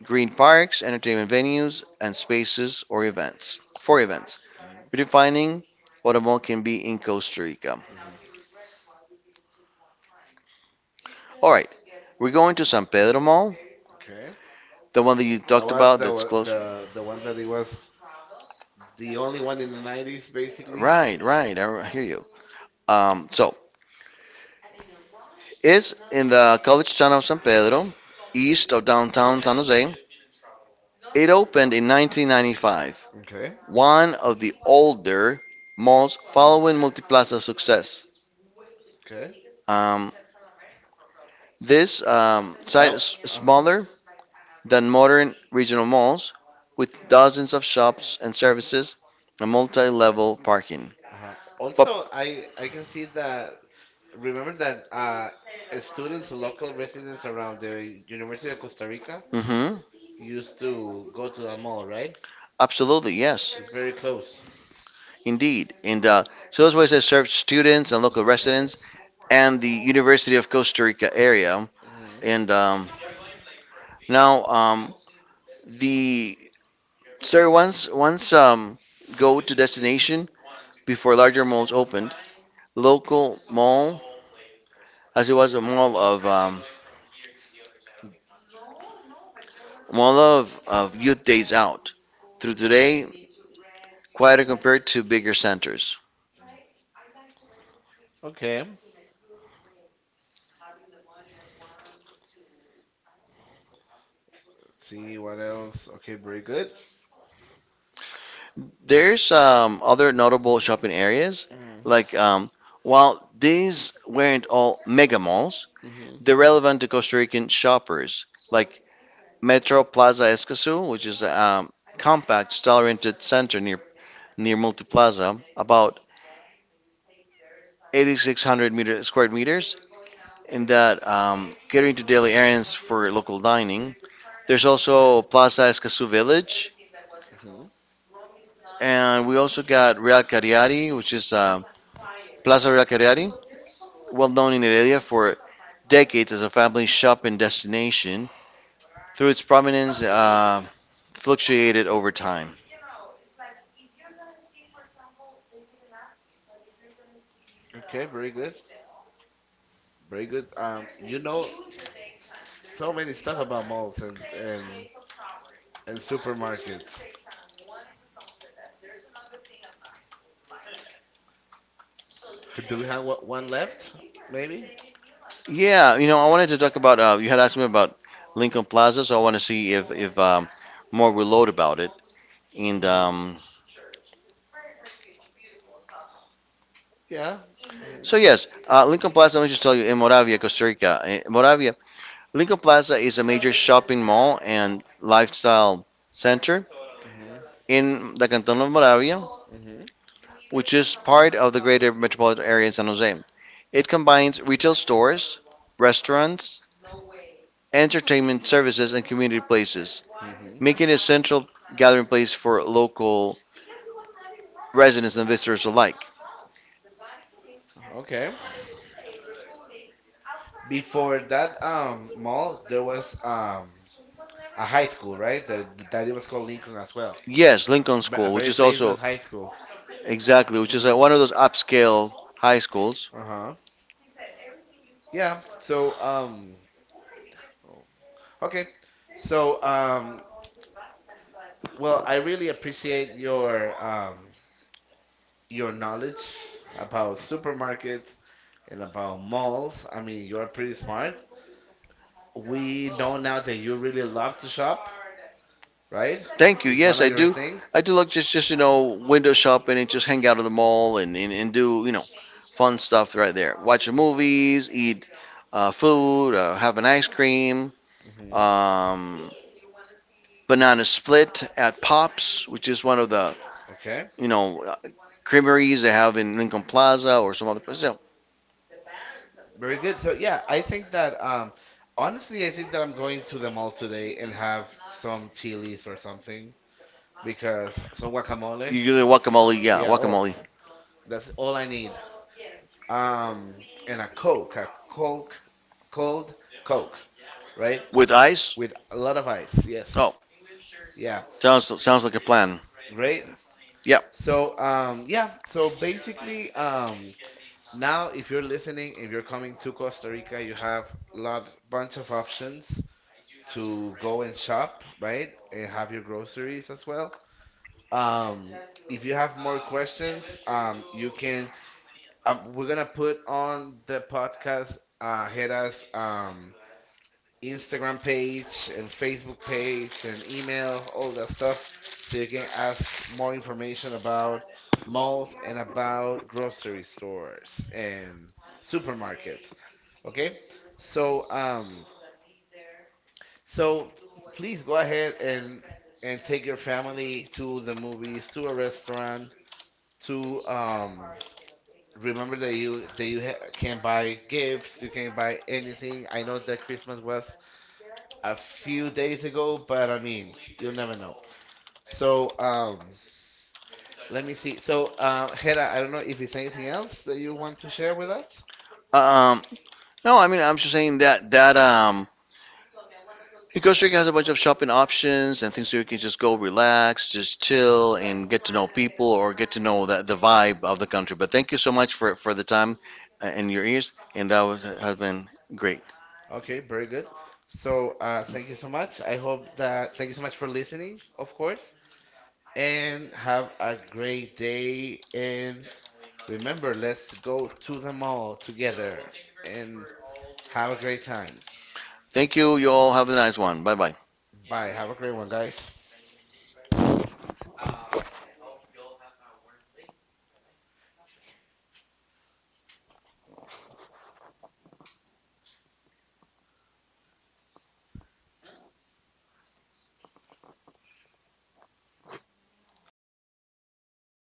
Speaker 2: green parks, entertainment venues, and spaces or events for events,
Speaker 1: Hmm.
Speaker 2: redefining what a mall can be in Costa Rica.
Speaker 1: Hmm.
Speaker 2: All right, we're going to San Pedro Mall,
Speaker 1: Okay.
Speaker 2: the one that you talked
Speaker 1: Was
Speaker 2: about
Speaker 1: the
Speaker 2: that's
Speaker 1: wa-
Speaker 2: close.
Speaker 1: the the one that it was the only one in the nineties basically.
Speaker 2: Right, right. I hear you. Um, so is in the college town of San Pedro, east of downtown San Jose. It opened in nineteen ninety-five,
Speaker 1: Okay.
Speaker 2: one of the older malls following Multiplaza's success.
Speaker 1: Okay.
Speaker 2: Um, this um, site
Speaker 1: That
Speaker 2: is
Speaker 1: uh-huh.
Speaker 2: smaller than modern regional malls, with dozens of shops and services and multi-level parking.
Speaker 1: Uh-huh.
Speaker 2: Pop-
Speaker 1: Also, I I can see that remember that uh students, local residents around the University of Costa Rica
Speaker 2: mhm.
Speaker 1: used to go to the mall, right?
Speaker 2: Absolutely, yes,
Speaker 1: It's very close.
Speaker 2: indeed. And uh, so that's why I said serve students and local residents and the University of Costa Rica area.
Speaker 1: Hmm.
Speaker 2: And um, now um, the sir once once um, go to destination before larger malls opened, local mall as it was a mall of um, mall of, of youth days out. Through today, quieter compared to bigger centers.
Speaker 1: Okay. Let's see what else. Okay, very good.
Speaker 2: There's um, other notable shopping areas
Speaker 1: Mm.
Speaker 2: like um, while these weren't all mega malls,
Speaker 1: Hmm.
Speaker 2: they're relevant to Costa Rican shoppers like Metro Plaza Escazú, which is a um, compact, style-oriented center near near Multiplaza, about eight thousand six hundred meter, square meters, in that um, catering to daily errands for local dining. There's also Plaza Escazú Village,
Speaker 1: Hmm.
Speaker 2: and we also got Real Cariati, which is uh, Plaza Real Cariati, well known in Heredia for decades as a family shopping destination. Through its prominence, uh, fluctuated over time.
Speaker 1: Okay, very good. Very good. Um, you know so many stuff about malls and and, and supermarkets. Do we have one one left? Maybe?
Speaker 2: Yeah, you know, I wanted to talk about uh, you had asked me about Lincoln Plaza, so I want to see if if um, more we load about it. And
Speaker 1: Hmm.
Speaker 2: um,
Speaker 1: Yeah. Hmm.
Speaker 2: so Yes, uh, Lincoln Plaza. Let me just tell you, in Moravia, Costa Rica, eh, Moravia, Lincoln Plaza is a major shopping mall and lifestyle center
Speaker 1: Hmm.
Speaker 2: in the Canton of Moravia,
Speaker 1: Hmm.
Speaker 2: which is part of the greater metropolitan area in San Jose. It combines retail stores, restaurants, entertainment services, and community places,
Speaker 1: Hmm.
Speaker 2: making it a central gathering place for local residents and visitors alike.
Speaker 1: Okay. Before that um mall, there was um a high school, right? That that it was called Lincoln as well.
Speaker 2: Yes, Lincoln
Speaker 1: Ve- A
Speaker 2: School, which
Speaker 1: very
Speaker 2: is also
Speaker 1: famous high school.
Speaker 2: exactly, which is
Speaker 1: Hmm.
Speaker 2: uh, one of those upscale high schools.
Speaker 1: Uh-huh. Yeah. So um okay. So um well, I really appreciate your um your knowledge about supermarkets and about malls. I mean, you're pretty smart. We know now that you really love to shop, right?
Speaker 2: Thank you.
Speaker 1: Is one
Speaker 2: Yes,
Speaker 1: of
Speaker 2: I
Speaker 1: your
Speaker 2: do.
Speaker 1: thing?
Speaker 2: I do like just just you know window shopping and just hang out at the mall and, and, and do you know fun stuff right there. Watch the movies, eat uh, food, uh, have an ice cream,
Speaker 1: Hmm.
Speaker 2: um, banana split at Pops, which is one of the
Speaker 1: Okay,
Speaker 2: you know uh, creameries they have in Lincoln Plaza or some other place. You know,
Speaker 1: very good. So yeah, I think that um, honestly, I think that I'm going to the mall today and have some chilies or something because some guacamole.
Speaker 2: you do the guacamole, yeah,
Speaker 1: Yeah, oh,
Speaker 2: guacamole.
Speaker 1: that's all I need. Um, and a Coke, a Coke, cold Coke, right?
Speaker 2: With ice.
Speaker 1: With a lot of ice.
Speaker 2: Oh,
Speaker 1: Yes. Yeah. S-
Speaker 2: sounds sounds like a plan.
Speaker 1: Great.
Speaker 2: Yep.
Speaker 1: So um, yeah. So basically um. Now, if you're listening, if you're coming to Costa Rica, you have lot bunch of options to go and shop, right? And have your groceries as well. Um, if you have more questions, um, you can. Um, we're gonna put on the podcast uh, Hera's um, Instagram page and Facebook page and email, all that stuff, so you can ask more information about malls and about grocery stores and supermarkets. Okay. So um so please go ahead and and take your family to the movies, to a restaurant, to um remember that you that you ha can buy gifts, you can buy anything. I know that Christmas was a few days ago, but I mean, you'll never know. So um let me see. So um Hera, I don't know if it's anything else that you want to share with us.
Speaker 2: Um, no, I mean I'm just saying that that um, Costa Rica has a bunch of shopping options and things so you can just go relax, just chill, and get to know people or get to know the, the vibe of the country. But thank you so much for for the time uh, and your ears, and that was, has been great.
Speaker 1: Okay, very good. So, uh, thank you so much. I hope that thank you so much for listening, of course, and have a great day. And remember, let's go to the mall together and have a great time.
Speaker 2: Thank you. You all have a nice one. Bye bye.
Speaker 1: Bye. Have a great one, guys.